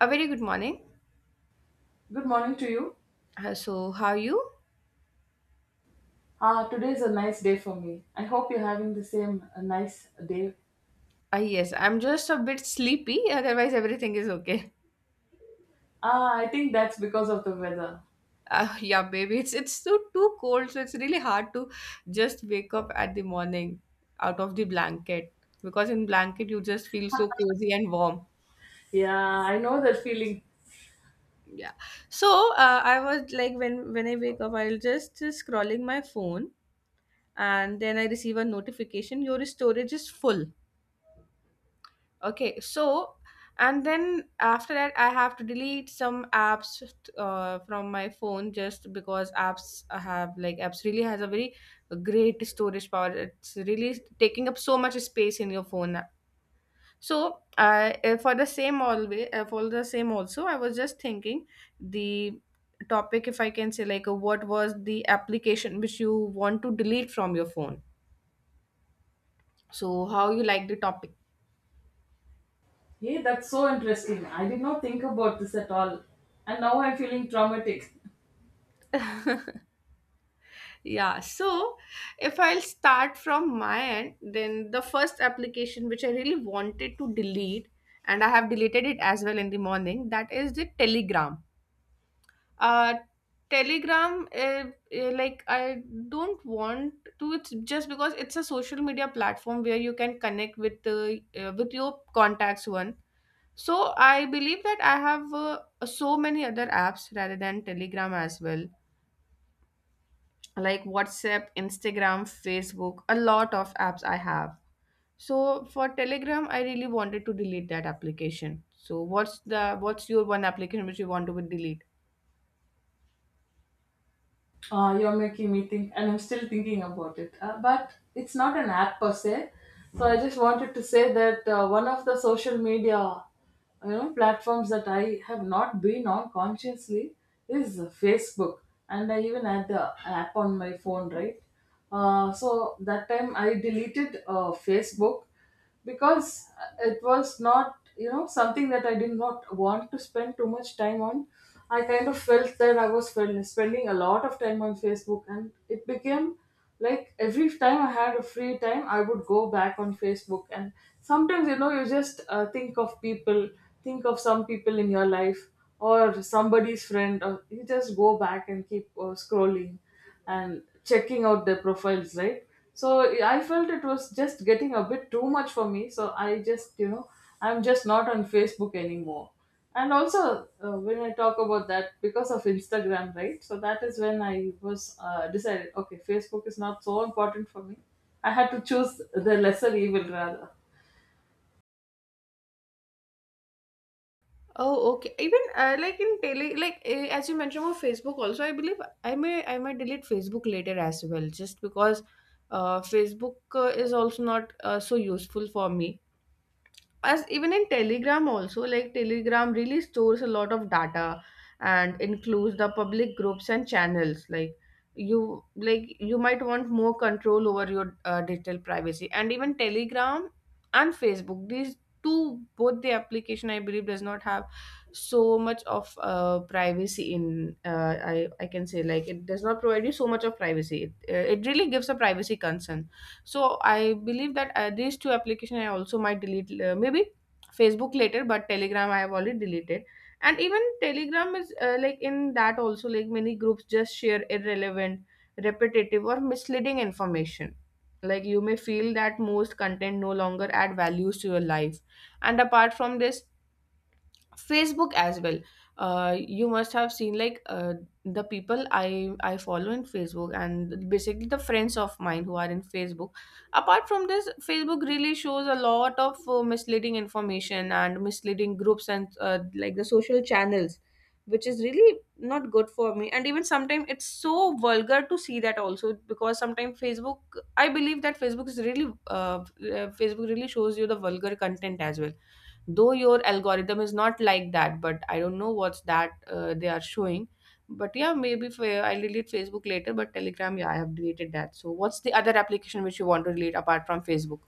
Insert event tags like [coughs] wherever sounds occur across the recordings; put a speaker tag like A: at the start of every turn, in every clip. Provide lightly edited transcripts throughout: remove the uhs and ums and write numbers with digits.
A: A very good morning.
B: Good morning to you.
A: How are you?
B: Ah, today is a nice day for me. I hope you're having the same nice day.
A: Yes, I'm just a bit sleepy. [laughs] Otherwise, everything is okay.
B: Ah, I think that's because of the weather.
A: Yeah, baby, it's too cold, so it's really hard to just wake up at the morning out of the blanket because in blanket you just feel so cozy and warm.
B: Yeah, I know that feeling.
A: Yeah. So I was like, when I wake up, I'll just scrolling my phone, and then I receive a notification. Your storage is full. Okay, so and then after that, I have to delete some apps from my phone just because apps have like apps really has a very great storage power. It's really taking up so much space in your phone. So for the same always for the same also, I was just thinking the topic, if I can say like, what was the application which you want to delete from your phone. So how you like the topic?
B: Hey, that's so interesting. I did not think about this at all. And now I'm feeling traumatic.
A: Yeah, so if I'll start from my end, then the first application which I really wanted to delete, and I have deleted it as well in the morning, that is the Telegram. Uh, Telegram, like I don't want to. It's just because it's a social media platform where you can connect with your contacts one. So I believe that I have so many other apps rather than Telegram as well, like WhatsApp, Instagram, Facebook, a lot of apps I have. So for Telegram, I really wanted to delete that application. So what's the what's your one application which you want to delete?
B: You're making me think, and I'm still thinking about it. But it's not an app per se. So I just wanted to say that one of the social media, you know, platforms that I have not been on consciously is Facebook, and I even had the app on my phone, right? So that time I deleted Facebook because it was not, you know, something that I did not want to spend too much time on. I kind of felt that I was spending a lot of time on Facebook, and it became like every time I had a free time I would go back on Facebook. And sometimes, you know, you just think of people, think of some people in your life or somebody's friend, or you just go back and keep scrolling and checking out their profiles, right? So I felt it was just getting a bit too much for me. So I just, you know, I'm just not on Facebook anymore. And also, when I talk about that, because of Instagram, right? So that is when I was decided, okay, Facebook is not so important for me. I had to choose the lesser evil rather.
A: Oh, okay. Even like in tele, like as you mentioned about Facebook, also I believe I may I might delete Facebook later as well, just because Facebook is also not so useful for me, as even in Telegram also, like Telegram really stores a lot of data and includes the public groups and channels, like you, like you might want more control over your digital privacy. And even Telegram and Facebook, these two, both the application, I believe does not have so much of privacy. In I can say, like, it does not provide you so much of privacy. It it really gives a privacy concern. So I believe that these two application I also might delete, maybe Facebook later, but Telegram I have already deleted. And even Telegram is like in that also, like many groups just share irrelevant, repetitive or misleading information. Like you may feel that most content no longer add values to your life. And apart from this, Facebook as well. You must have seen like the people I follow in Facebook and basically the friends of mine who are in Facebook. Apart from this, Facebook really shows a lot of misleading information and misleading groups and like the social channels, which is really not good for me. And even sometimes it's so vulgar to see that also, because sometimes Facebook, I believe that Facebook is really Facebook really shows you the vulgar content as well, though your algorithm is not like that, but I don't know what's that they are showing. But yeah, maybe for, I'll delete Facebook later, but Telegram, yeah, I have deleted that. So what's the other application which you want to delete apart from Facebook?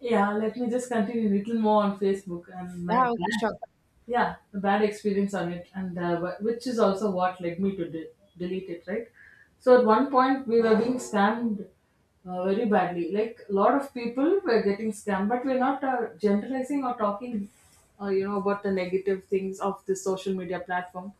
B: Yeah, let me just continue a little more on Facebook and my
A: Yeah, okay, sure.
B: bad, yeah, the bad experience on it, and which is also what led me to delete it, right? So at one point we were being scammed very badly. Like a lot of people were getting scammed, but we're not generalizing or talking, you know, about the negative things of the social media platform.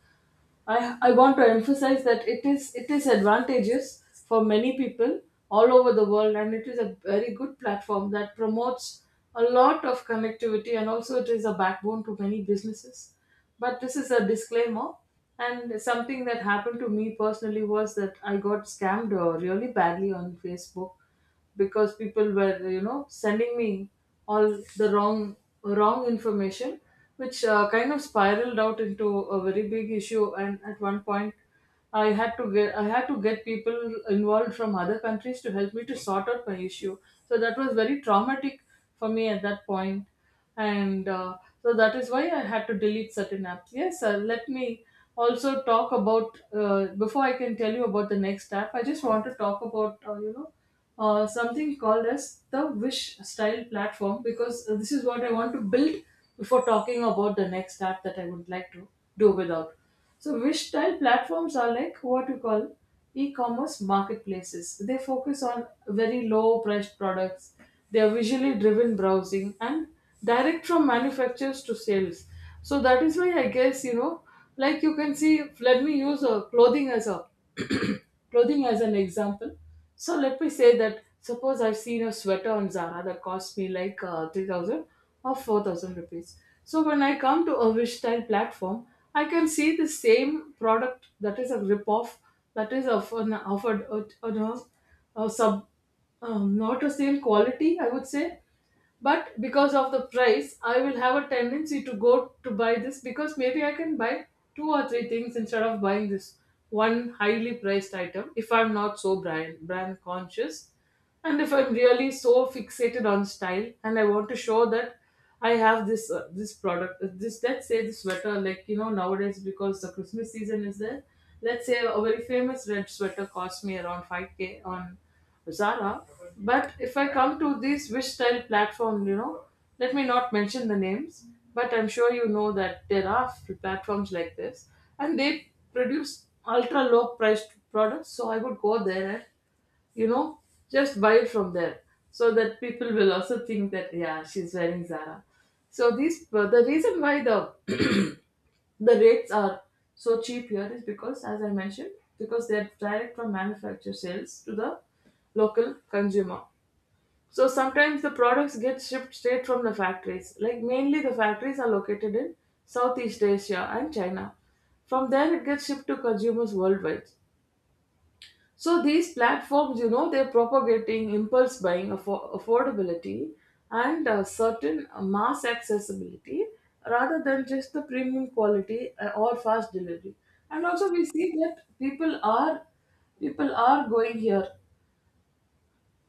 B: I want to emphasize that it is advantageous for many people all over the world, and it is a very good platform that promotes a lot of connectivity, and also it is a backbone to many businesses. But this is a disclaimer, and something that happened to me personally was that I got scammed really badly on Facebook because people were, you know, sending me all the wrong information, which kind of spiraled out into a very big issue. And at one point I had to get people involved from other countries to help me to sort out my issue. So that was very traumatic for me at that point. And so that is why I had to delete certain apps. Yes, sir, let me also talk about before I can tell you about the next app. I just want to talk about you know, something called as the Wish style platform, because this is what I want to build before talking about the next app that I would like to do without. So, Wish style platforms are like what we call e commerce marketplaces. They focus on very low priced products. They are visually driven browsing and direct from manufacturers to sales. So that is why I guess, you know, like you can see, let me use a clothing as a [coughs] [clears throat] clothing as an example. So let me say that suppose I've seen a sweater on Zara that cost me like 3,000 or 4,000 rupees. So when I come to a Vishtile platform, I can see the same product that is a ripoff, that is of an of a, a sub not a same quality, I would say. But because of the price, I will have a tendency to go to buy this because maybe I can buy two or three things instead of buying this one highly priced item, if I'm not so brand conscious and if I'm really so fixated on style, and I want to show that I have this this product, this, let's say, this sweater. Like, you know, nowadays because the Christmas season is there, let's say a very famous red sweater cost me around 5k on Zara. But if I come to this Wish style platform, you know, let me not mention the names, but I'm sure you know that there are platforms like this, and they produce ultra low priced products. So I would go there and, you know, just buy it from there so that people will also think that, yeah, she's wearing Zara. So these, the reason why the rates are so cheap here is because, as I mentioned, because they're direct from manufacturer sales to the local consumer. So sometimes the products get shipped straight from the factories. Like mainly the factories are located in Southeast Asia and China. From there, it gets shipped to consumers worldwide. So these platforms, you know, they're propagating impulse buying, affordability, and certain mass accessibility rather than just the premium quality or fast delivery. And also, we see that people are going here.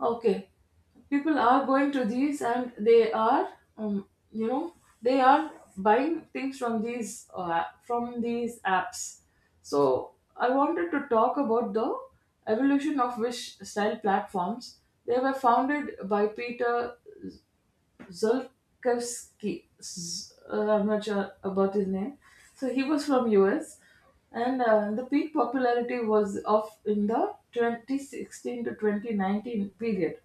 B: Okay, people are going to these, and they are, you know, they are buying things from these apps. So I wanted to talk about the evolution of Wish style platforms. They were founded by Peter Zulkowski. I'm not sure about his name. So he was from US, and the peak popularity was of in the 2016 to 2019 period.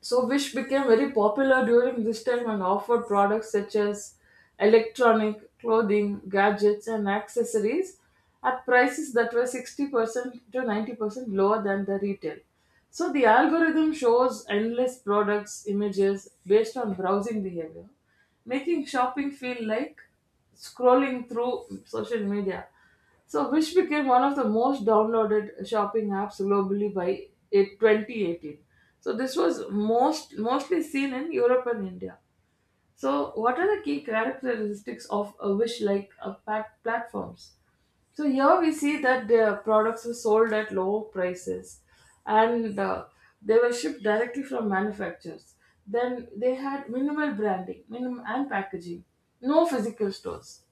B: So Wish became very popular during this time and offered products such as electronic, clothing, gadgets and accessories at prices that were 60% to 90% lower than the retail. So the algorithm shows endless products, images based on browsing behavior, making shopping feel like scrolling through social media. So, Wish became one of the most downloaded shopping apps globally by 2018. So, this was mostly seen in Europe and India. So, what are the key characteristics of a Wish like a pack platforms? So here we see that their products were sold at low prices, and they were shipped directly from manufacturers. Then they had minimal branding minimum and packaging, no physical stores,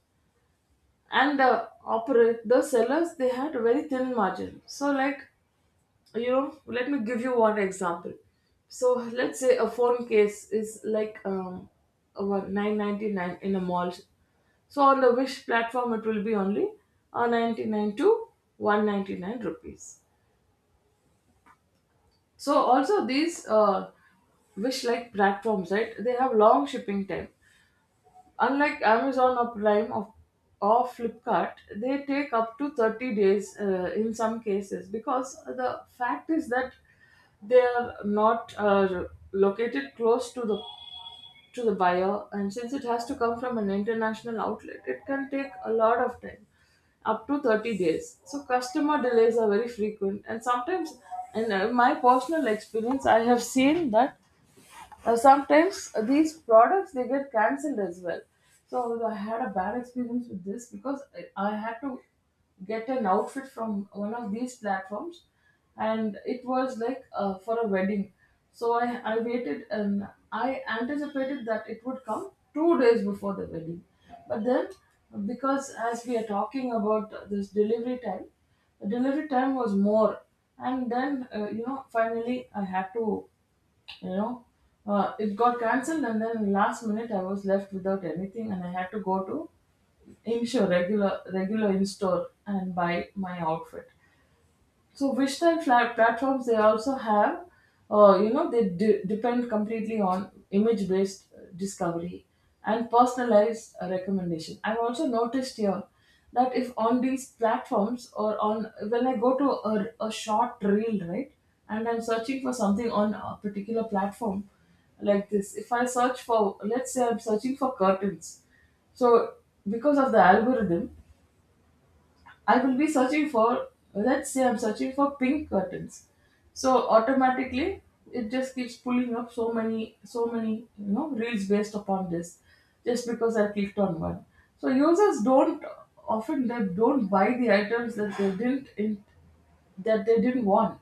B: and the sellers, they had a very thin margin. So, like, you know, let me give you one example. So let's say a phone case is like 999 in a mall. So on the Wish platform it will be only 99 to 199 rupees. So also these Wish like platforms, right, they have long shipping time. Unlike Amazon or Prime or Flipkart, they take up to 30 days in some cases, because the fact is that they are not located close to the buyer, and since it has to come from an international outlet, it can take a lot of time, up to 30 days. So customer delays are very frequent, and sometimes and my personal experience, I have seen that sometimes these products, they get cancelled as well. So I had a bad experience with this because I had to get an outfit from one of these platforms, and it was like for a wedding. So I waited and I anticipated that it would come 2 days before the wedding, but then, because as we are talking about this delivery time, the delivery time was more, and then you know, finally I had to, you know, it got cancelled, and then last minute I was left without anything, and I had to go to in-store regular regular in-store and buy my outfit. So which type flat platforms, they also have, you know, they depend completely on image based discovery and personalized recommendation. I've also noticed here that if on these platforms, or on when I go to a short reel, right, and I'm searching for something on a particular platform like this, if I search for, let's say I'm searching for curtains, so because of the algorithm, I will be searching for, let's say I'm searching for pink curtains. So automatically it just keeps pulling up so many, so many, you know, reels based upon this, just because I clicked on one. So users don't often, they don't buy the items that they didn't in, that they didn't want,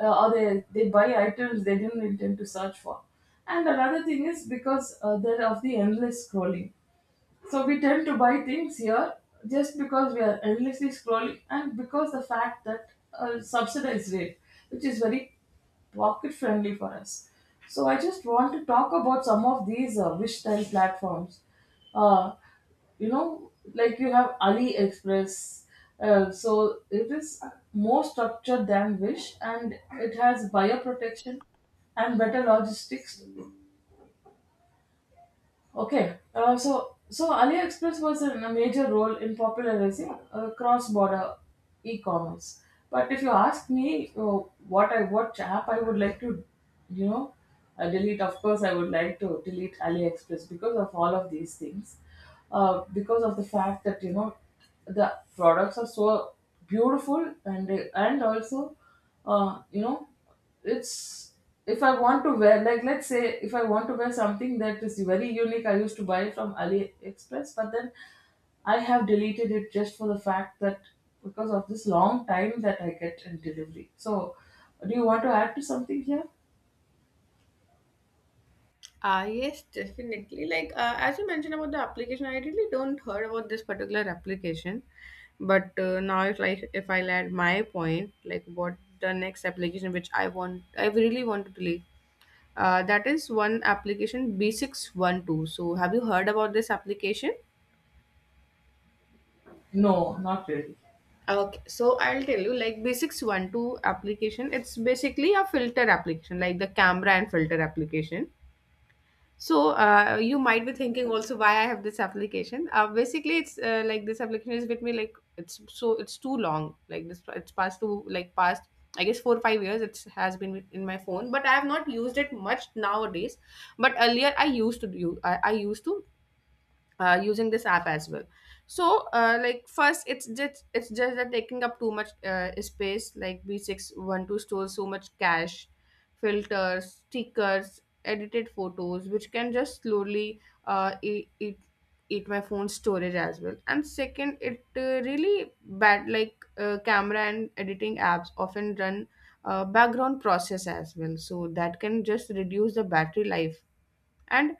B: or they buy items they didn't intend to search for. And another thing is because they're of the endless scrolling. So we tend to buy things here just because we are endlessly scrolling, and because the fact that subsidized rate, which is very pocket friendly for us. So I just want to talk about some of these Wish style platforms. Uh, you know, like you have AliExpress. So it is more structured than Wish, and it has buyer protection and better logistics. Okay. So AliExpress was in a major role in popularizing cross-border e-commerce. But if you ask me, what app I would like to, you know, delete. Of course, I would like to delete AliExpress because of all of these things, because of the fact that the products are so beautiful and also, uh, you know it's, if I want to wear, like, let's say if I want to wear something that is very unique, I used to buy it from AliExpress, but then I have deleted it just for the fact that because of this long time that I get in delivery. So, do you want to add to something here?
A: Ah, yes, definitely. Like, as you mentioned about the application, I really don't heard about this particular application. But now, if like if I add my point, like what the next application which I want, I really want to delete. That is one application, B612. So, have you heard about this application?
B: No, not really.
A: Okay, so I'll tell you, like B612 application, it's basically a filter application, like the camera and filter application. So, you might be thinking also why I have this application. Basically, it's like this application is with me, like it's so it's too long, like this, it's past two, like past, I guess, 4 or 5 years, it has been with- in my phone, but I have not used it much nowadays. But earlier, I used to do, I used to using this app as well. So like first it's just that taking up too much space, like B612 stores so much cache, filters, stickers, edited photos, which can just slowly uh, eat, eat eat my phone storage as well. And second, it really bad, like camera and editing apps often run background process as well, so that can just reduce the battery life. And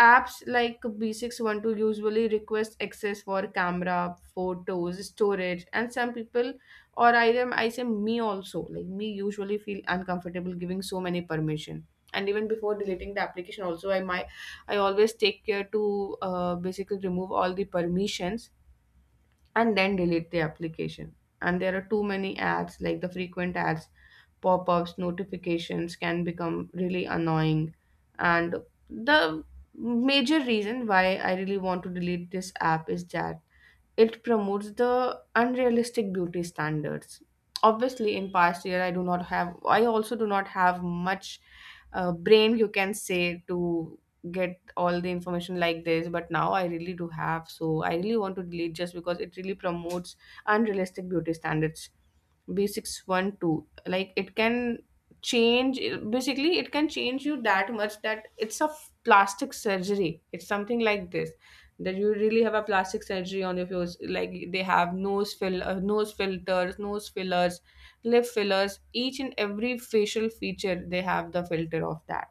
A: apps like B612 usually request access for camera, photos, storage, and some people, I say me also, like me usually feel uncomfortable giving so many permission. And even before deleting the application, also I always take care to basically remove all the permissions and then delete the application. And there are too many ads, like the frequent ads, pop-ups, notifications can become really annoying. And the major reason why I really want to delete this app is that it promotes the unrealistic beauty standards. Obviously, in past year, I also do not have much brain, you can say, to get all the information like this. But now I really do have, so I really want to delete, just because it really promotes unrealistic beauty standards. B612, like it can change, basically it can change you that much that it's a f- plastic surgery. It's something like this, that you really have a plastic surgery on your face. Like they have nose filters, nose fillers, lip fillers, each and every facial feature they have the filter of that.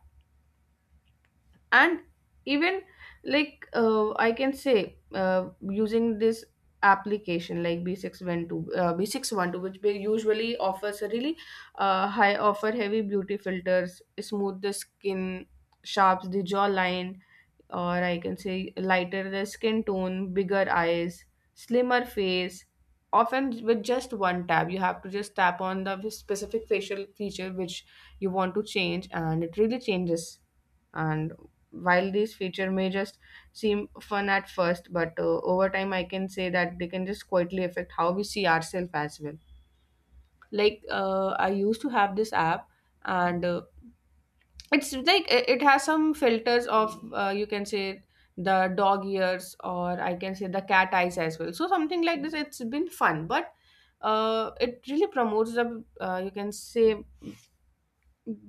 A: And even like I can say using this application like B612, which they usually offers a really high offer heavy beauty filters, smooth the skin, sharps the jawline, or I can say lighter the skin tone, bigger eyes, slimmer face, often with just one tap. You have to just tap on the specific facial feature which you want to change, and it really changes. And while these feature may just seem fun at first, but over time I can say that they can just quietly affect how we see ourselves as well. Like I used to have this app, and it's like it has some filters of you can say the dog ears, or I can say the cat eyes as well, so something like this, it's been fun. But it really promotes the you can say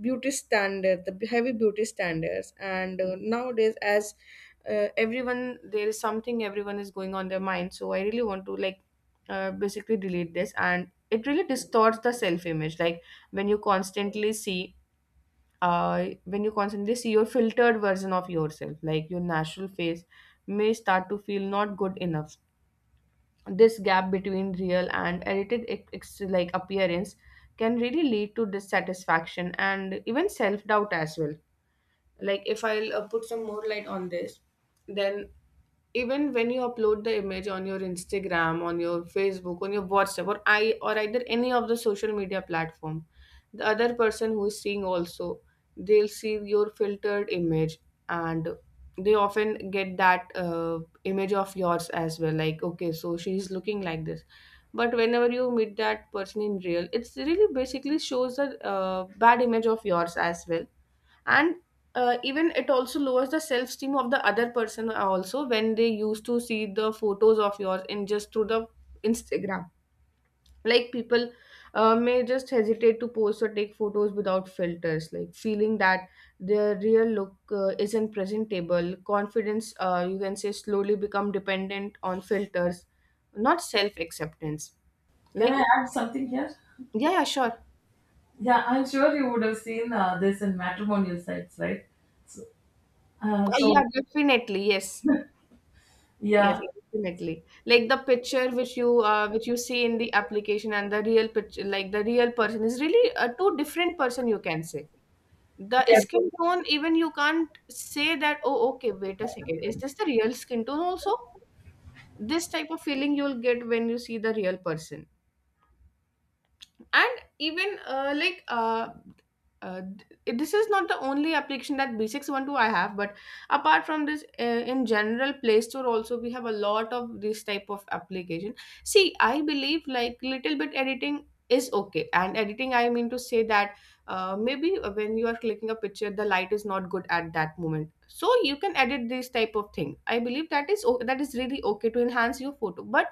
A: beauty standard, the heavy beauty standards. And nowadays, as everyone, there is something everyone is going on their mind, so I really want to like basically delete this. And it really distorts the self image. Like when you constantly see when you constantly see your filtered version of yourself, like your natural face may start to feel not good enough. This gap between real and like appearance can really lead to dissatisfaction and even self doubt as well. Like if I'll put some more light on this, then even when you upload the image on your Instagram, on your Facebook, on your WhatsApp, or I or either any of the social media platform, the other person who is seeing also, they'll see your filtered image. And they often get that image of yours as well, like okay, so she's looking like this. But whenever you meet that person in real, it's really basically shows a bad image of yours as well. And even it also lowers the self esteem of the other person also, when they used to see the photos of yours in just through the Instagram. Like people may just hesitate to post or take photos without filters, like feeling that their real look isn't presentable. Confidence, you can say, slowly become dependent on filters, not self acceptance.
B: Can
A: Like,
B: I add something here?
A: yeah, yeah, sure.
B: Yeah, I'm sure you would have seen this in matrimonial sites, right? So, uh,
A: Yeah,
B: so
A: definitely, yes. Yes,
B: yeah,
A: definitely. Like the picture which you see in the application and the real picture, like the real person is really a two different person, you can say. The
B: yes,
A: skin tone, even you can't say that, oh, okay, wait a second, is this the real skin tone also? This type of feeling you'll get when you see the real person and even uh, this is not the only application that B612 I have. But apart from this, in general Play Store also we have a lot of this type of application. See, I believe like little bit editing is okay, and editing I mean to say that, maybe when you are clicking a picture the light is not good at that moment, so you can edit this type of thing. I believe that is that is really okay to enhance your photo. But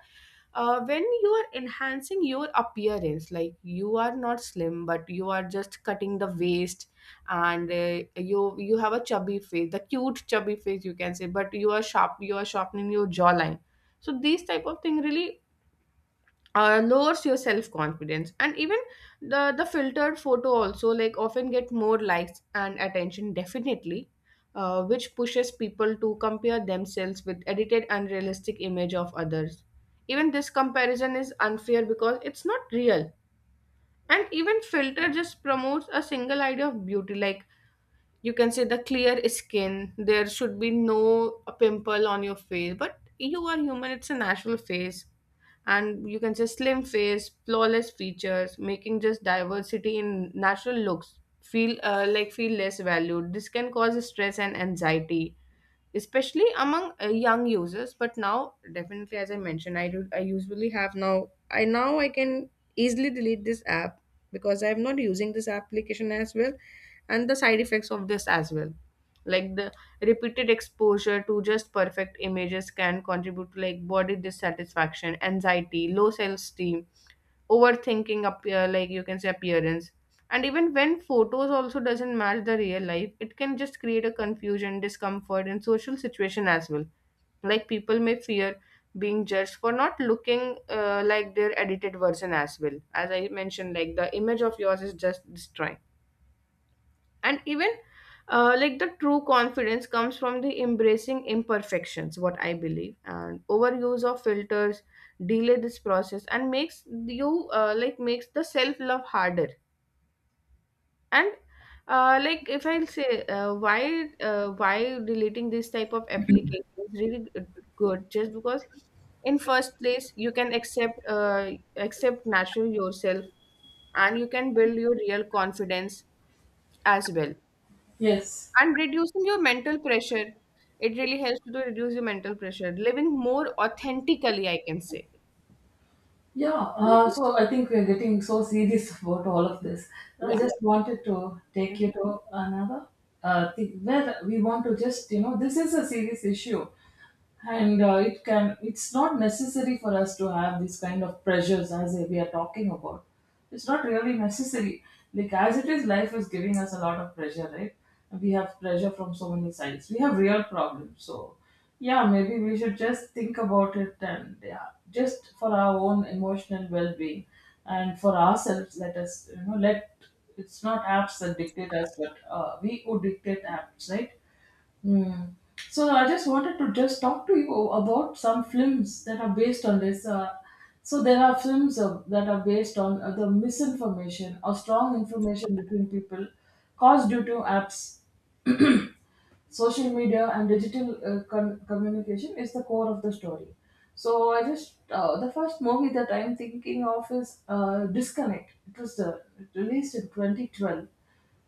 A: when you are enhancing your appearance, like you are not slim but you are just cutting the waist, and you have a chubby face, the cute chubby face you can say, but you are sharp, you are sharpening your jawline. So these type of thing really lowers your self confidence. And even the filtered photo also like often get more likes and attention, definitely. Which pushes people to compare themselves with edited unrealistic image of others. Even this comparison is unfair because it's not real. And even filter just promotes a single idea of beauty, like you can say the clear skin, there should be no pimple on your face. But you are human, it's a natural face. And you can say slim face, flawless features, making just diversity in natural looks feel like feel less valued. This can cause stress and anxiety, especially among young users. But now definitely, as I mentioned, I do I usually have now I now I can easily delete this app because I'm not using this application as well. And the side effects of this as well, like the repeated exposure to just perfect images can contribute to like body dissatisfaction, anxiety, low self-esteem, overthinking appear like you can say appearance. And even when photos also doesn't match the real life, it can just create a confusion, discomfort, and social situation as well. Like people may fear being judged for not looking like their edited version as well. As I mentioned, like the image of yours is just destroying. And even the true confidence comes from the embracing imperfections, what I believe. And overuse of filters delay this process and makes you like makes the self love harder. And if I'll say, why deleting this type of application is really good, just because in first place you can accept accept natural yourself, and you can build your real confidence as well,
B: yes.
A: and reducing your mental pressure. It really helps to reduce your mental pressure, living more authentically, I can say.
B: Yeah, so I think we're getting so serious about all of this. I
A: Yeah.
B: just wanted to take
A: Mm-hmm.
B: you to another thing where we want to just, you know, this is a serious issue, and it's not necessary for us to have these kind of pressures. As we are talking about, it's not really necessary. Like, as it is, life is giving us a lot of pressure, right? We have pressure from so many sides, we have real problems. So yeah, maybe we should just think about it, and yeah, just for our own emotional well-being and for ourselves, let us, you know, let it's not apps that dictate us, but we who dictate apps, right? Hmm. So I just wanted to just talk to you about some films that are based on this. So there are films that are based on the misinformation or strong information between people caused due to apps, social media, and digital communication is the core of the story. So I just the first movie that I'm thinking of is Disconnect. It was released in 2012.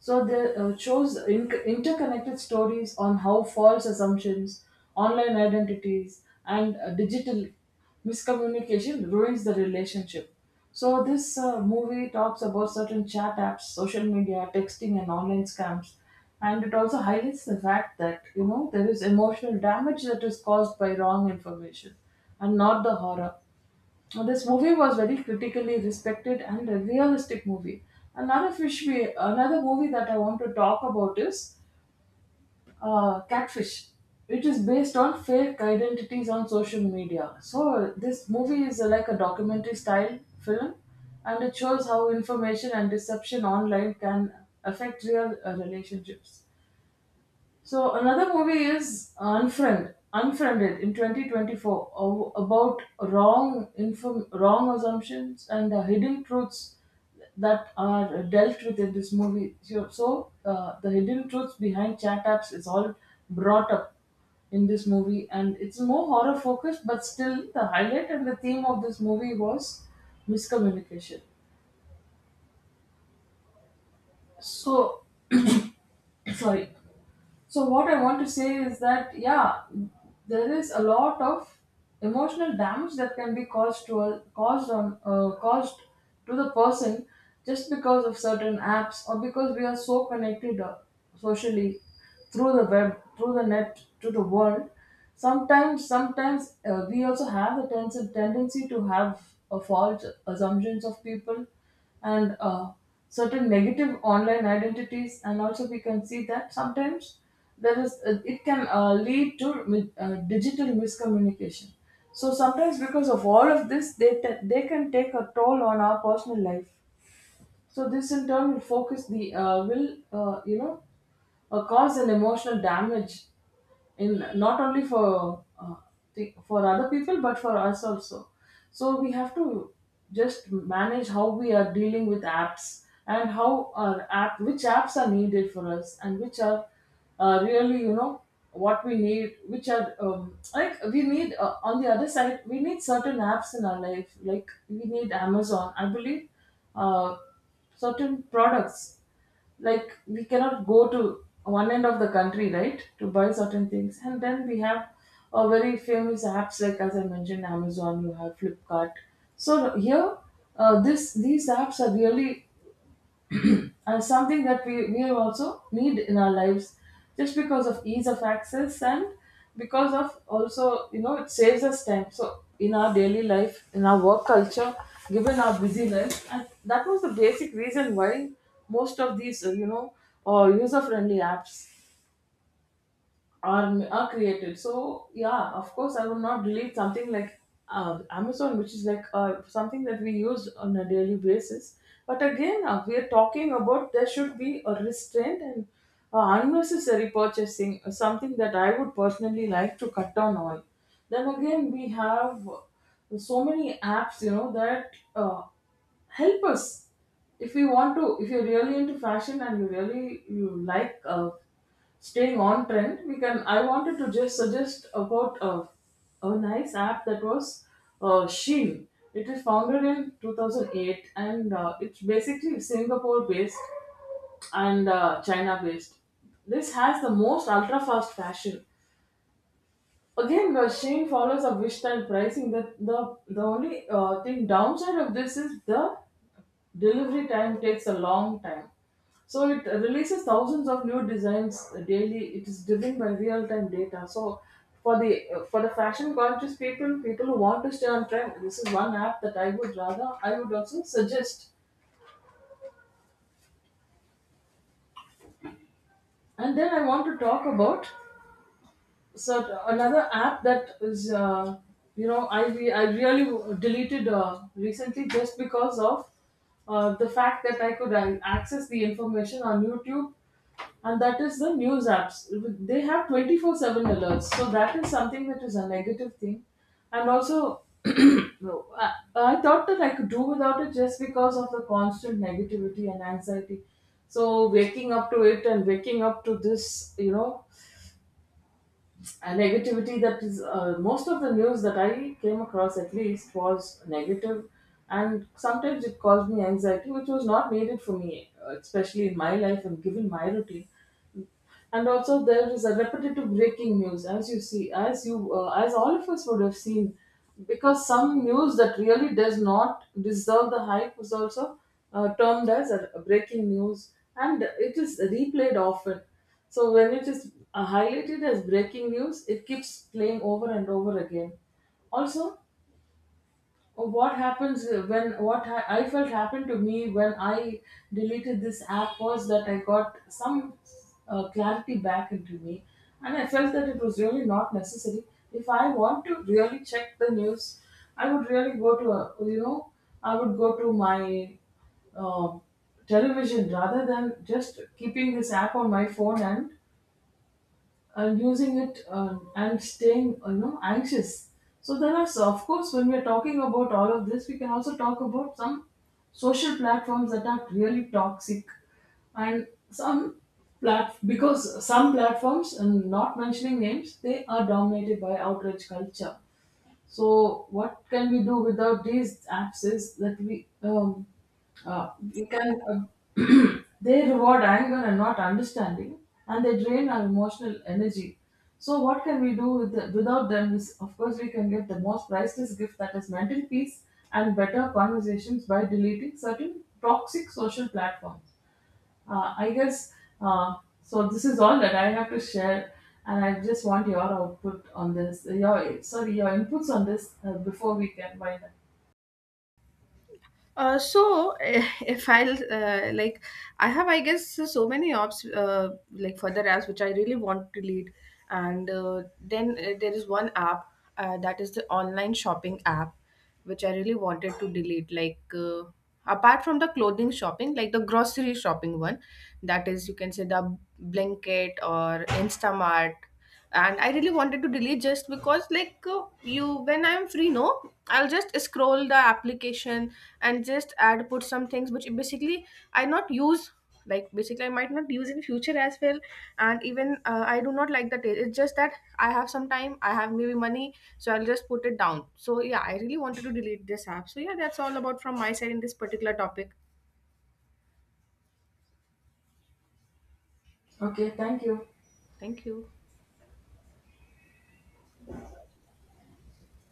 B: So they shows interconnected stories on how false assumptions, online identities, and digital miscommunication ruins the relationship. So, this movie talks about certain chat apps, social media, texting, and online scams. And it also highlights the fact that, you know, there is emotional damage that is caused by wrong information and not the horror. Now, this movie was very critically respected and a realistic movie. Another movie that I want to talk about is Catfish. It is based on fake identities on social media. So this movie is like a documentary style film, and it shows how information and deception online can affect real relationships. So another movie is Unfriended in 2024, about wrong assumptions and the hidden truths that are dealt with in this movie. So the hidden truths behind chat apps is all brought up in this movie, and it's more horror focused, but still the highlight and the theme of this movie was miscommunication. So sorry. So what I want to say is that yeah, there is a lot of emotional damage that can be caused to a, caused on caused to the person just because of certain apps or because we are so connected socially through the web, through the net, to the world. Sometimes we also have the tendency to have a false assumptions of people and certain negative online identities, and also we can see that sometimes there is it can lead to digital miscommunication. So sometimes because of all of this they can take a toll on our personal life. So this in turn will focus the will you know cause an emotional damage, in not only for for other people but for us also. So we have to just manage how we are dealing with apps, and how our app which apps are needed for us and which are really, you know, what we need, which are like, we need on the other side, we need certain apps in our life. Like we need Amazon, I believe, uh, certain products, like we cannot go to one end of the country, right, to buy certain things. And then we have a very famous apps, like, as I mentioned, Amazon, you have Flipkart. So here, this these apps are really, and something that we also need in our lives just because of ease of access and because of also, you know, it saves us time. So in our daily life, in our work culture, given our busy life, and that was the basic reason why most of these user friendly apps are created. So yeah, of course, I would not delete something like Amazon, which is like something that we use on a daily basis. But again, we are talking about there should be a restraint and unnecessary purchasing, something that I would personally like to cut down on. Then again, we have so many apps, you know, that help us if we want to, if you're really into fashion and you really you like staying on trend, we can, I wanted to just suggest about a nice app that was Sheen. It is founded in 2008, and it's basically Singapore based and China based. This has the most ultra fast fashion. Again, Shane follows a wish style pricing. The only thing downside of this is the delivery time takes a long time. So it releases thousands of new designs daily. It is driven by real-time data. So for the fashion conscious people, people who want to stay on trend, this is one app that I would rather I would also suggest. And then I want to talk about, another app that is you know, I re- I really w- deleted recently, just because of the fact that I could access the information on YouTube, and that is the news apps. They have 24/7 alerts, so that is something that is a negative thing, and also [clears throat] no, I thought that I could do without it just because of the constant negativity and anxiety. So waking up to it, and waking up to this, you know, a negativity that is most of the news that I came across at least was negative, and sometimes it caused me anxiety, which was not needed for me, especially in my life, and given my routine. And also there is a repetitive breaking news, as you see, as you as all of us would have seen, because some news that really does not deserve the hype was also termed as a breaking news, and it is replayed often. So when it is highlighted as breaking news, it keeps playing over and over again. Also, what happens when, what I felt happened to me when I deleted this app was that I got some clarity back into me, and I felt that it was really not necessary. If I want to really check the news, I would really go to a, you know, I would go to my uh, television, rather than just keeping this app on my phone and using it and staying you know, anxious. So there are, so of course, when we're talking about all of this, we can also talk about some social platforms that are really toxic, and some plat because some platforms, and not mentioning names, they are dominated by outrage culture. So what can we do without these apps is that we can [clears throat] they reward anger and not understanding, and they drain our emotional energy. So what can we do with the, without them? Is of course we can get the most priceless gift that is mental peace and better conversations by deleting certain toxic social platforms. Uh, I guess uh, This is all that I have to share, and I just want your output on this. Your, sorry, your inputs on this before we can wind up.
A: So [laughs] if I'll I have I guess so many ops like further apps which I really want to lead, and then there is one app that is the online shopping app, which I really wanted to delete. Like apart from the clothing shopping, like the grocery shopping one, that is you can say the Blinkit or Instamart. And I really wanted to delete just because like you when I'm free no, I'll just scroll the application and just add put some things which basically I not use, like basically I might not use in future as well. And even I do not like the taste. It's just that I have some time, I have maybe money, so I'll just put it down. So yeah, I really wanted to delete this app. So yeah, that's all about from my side in this particular topic.
B: Okay, thank you.
A: Thank you.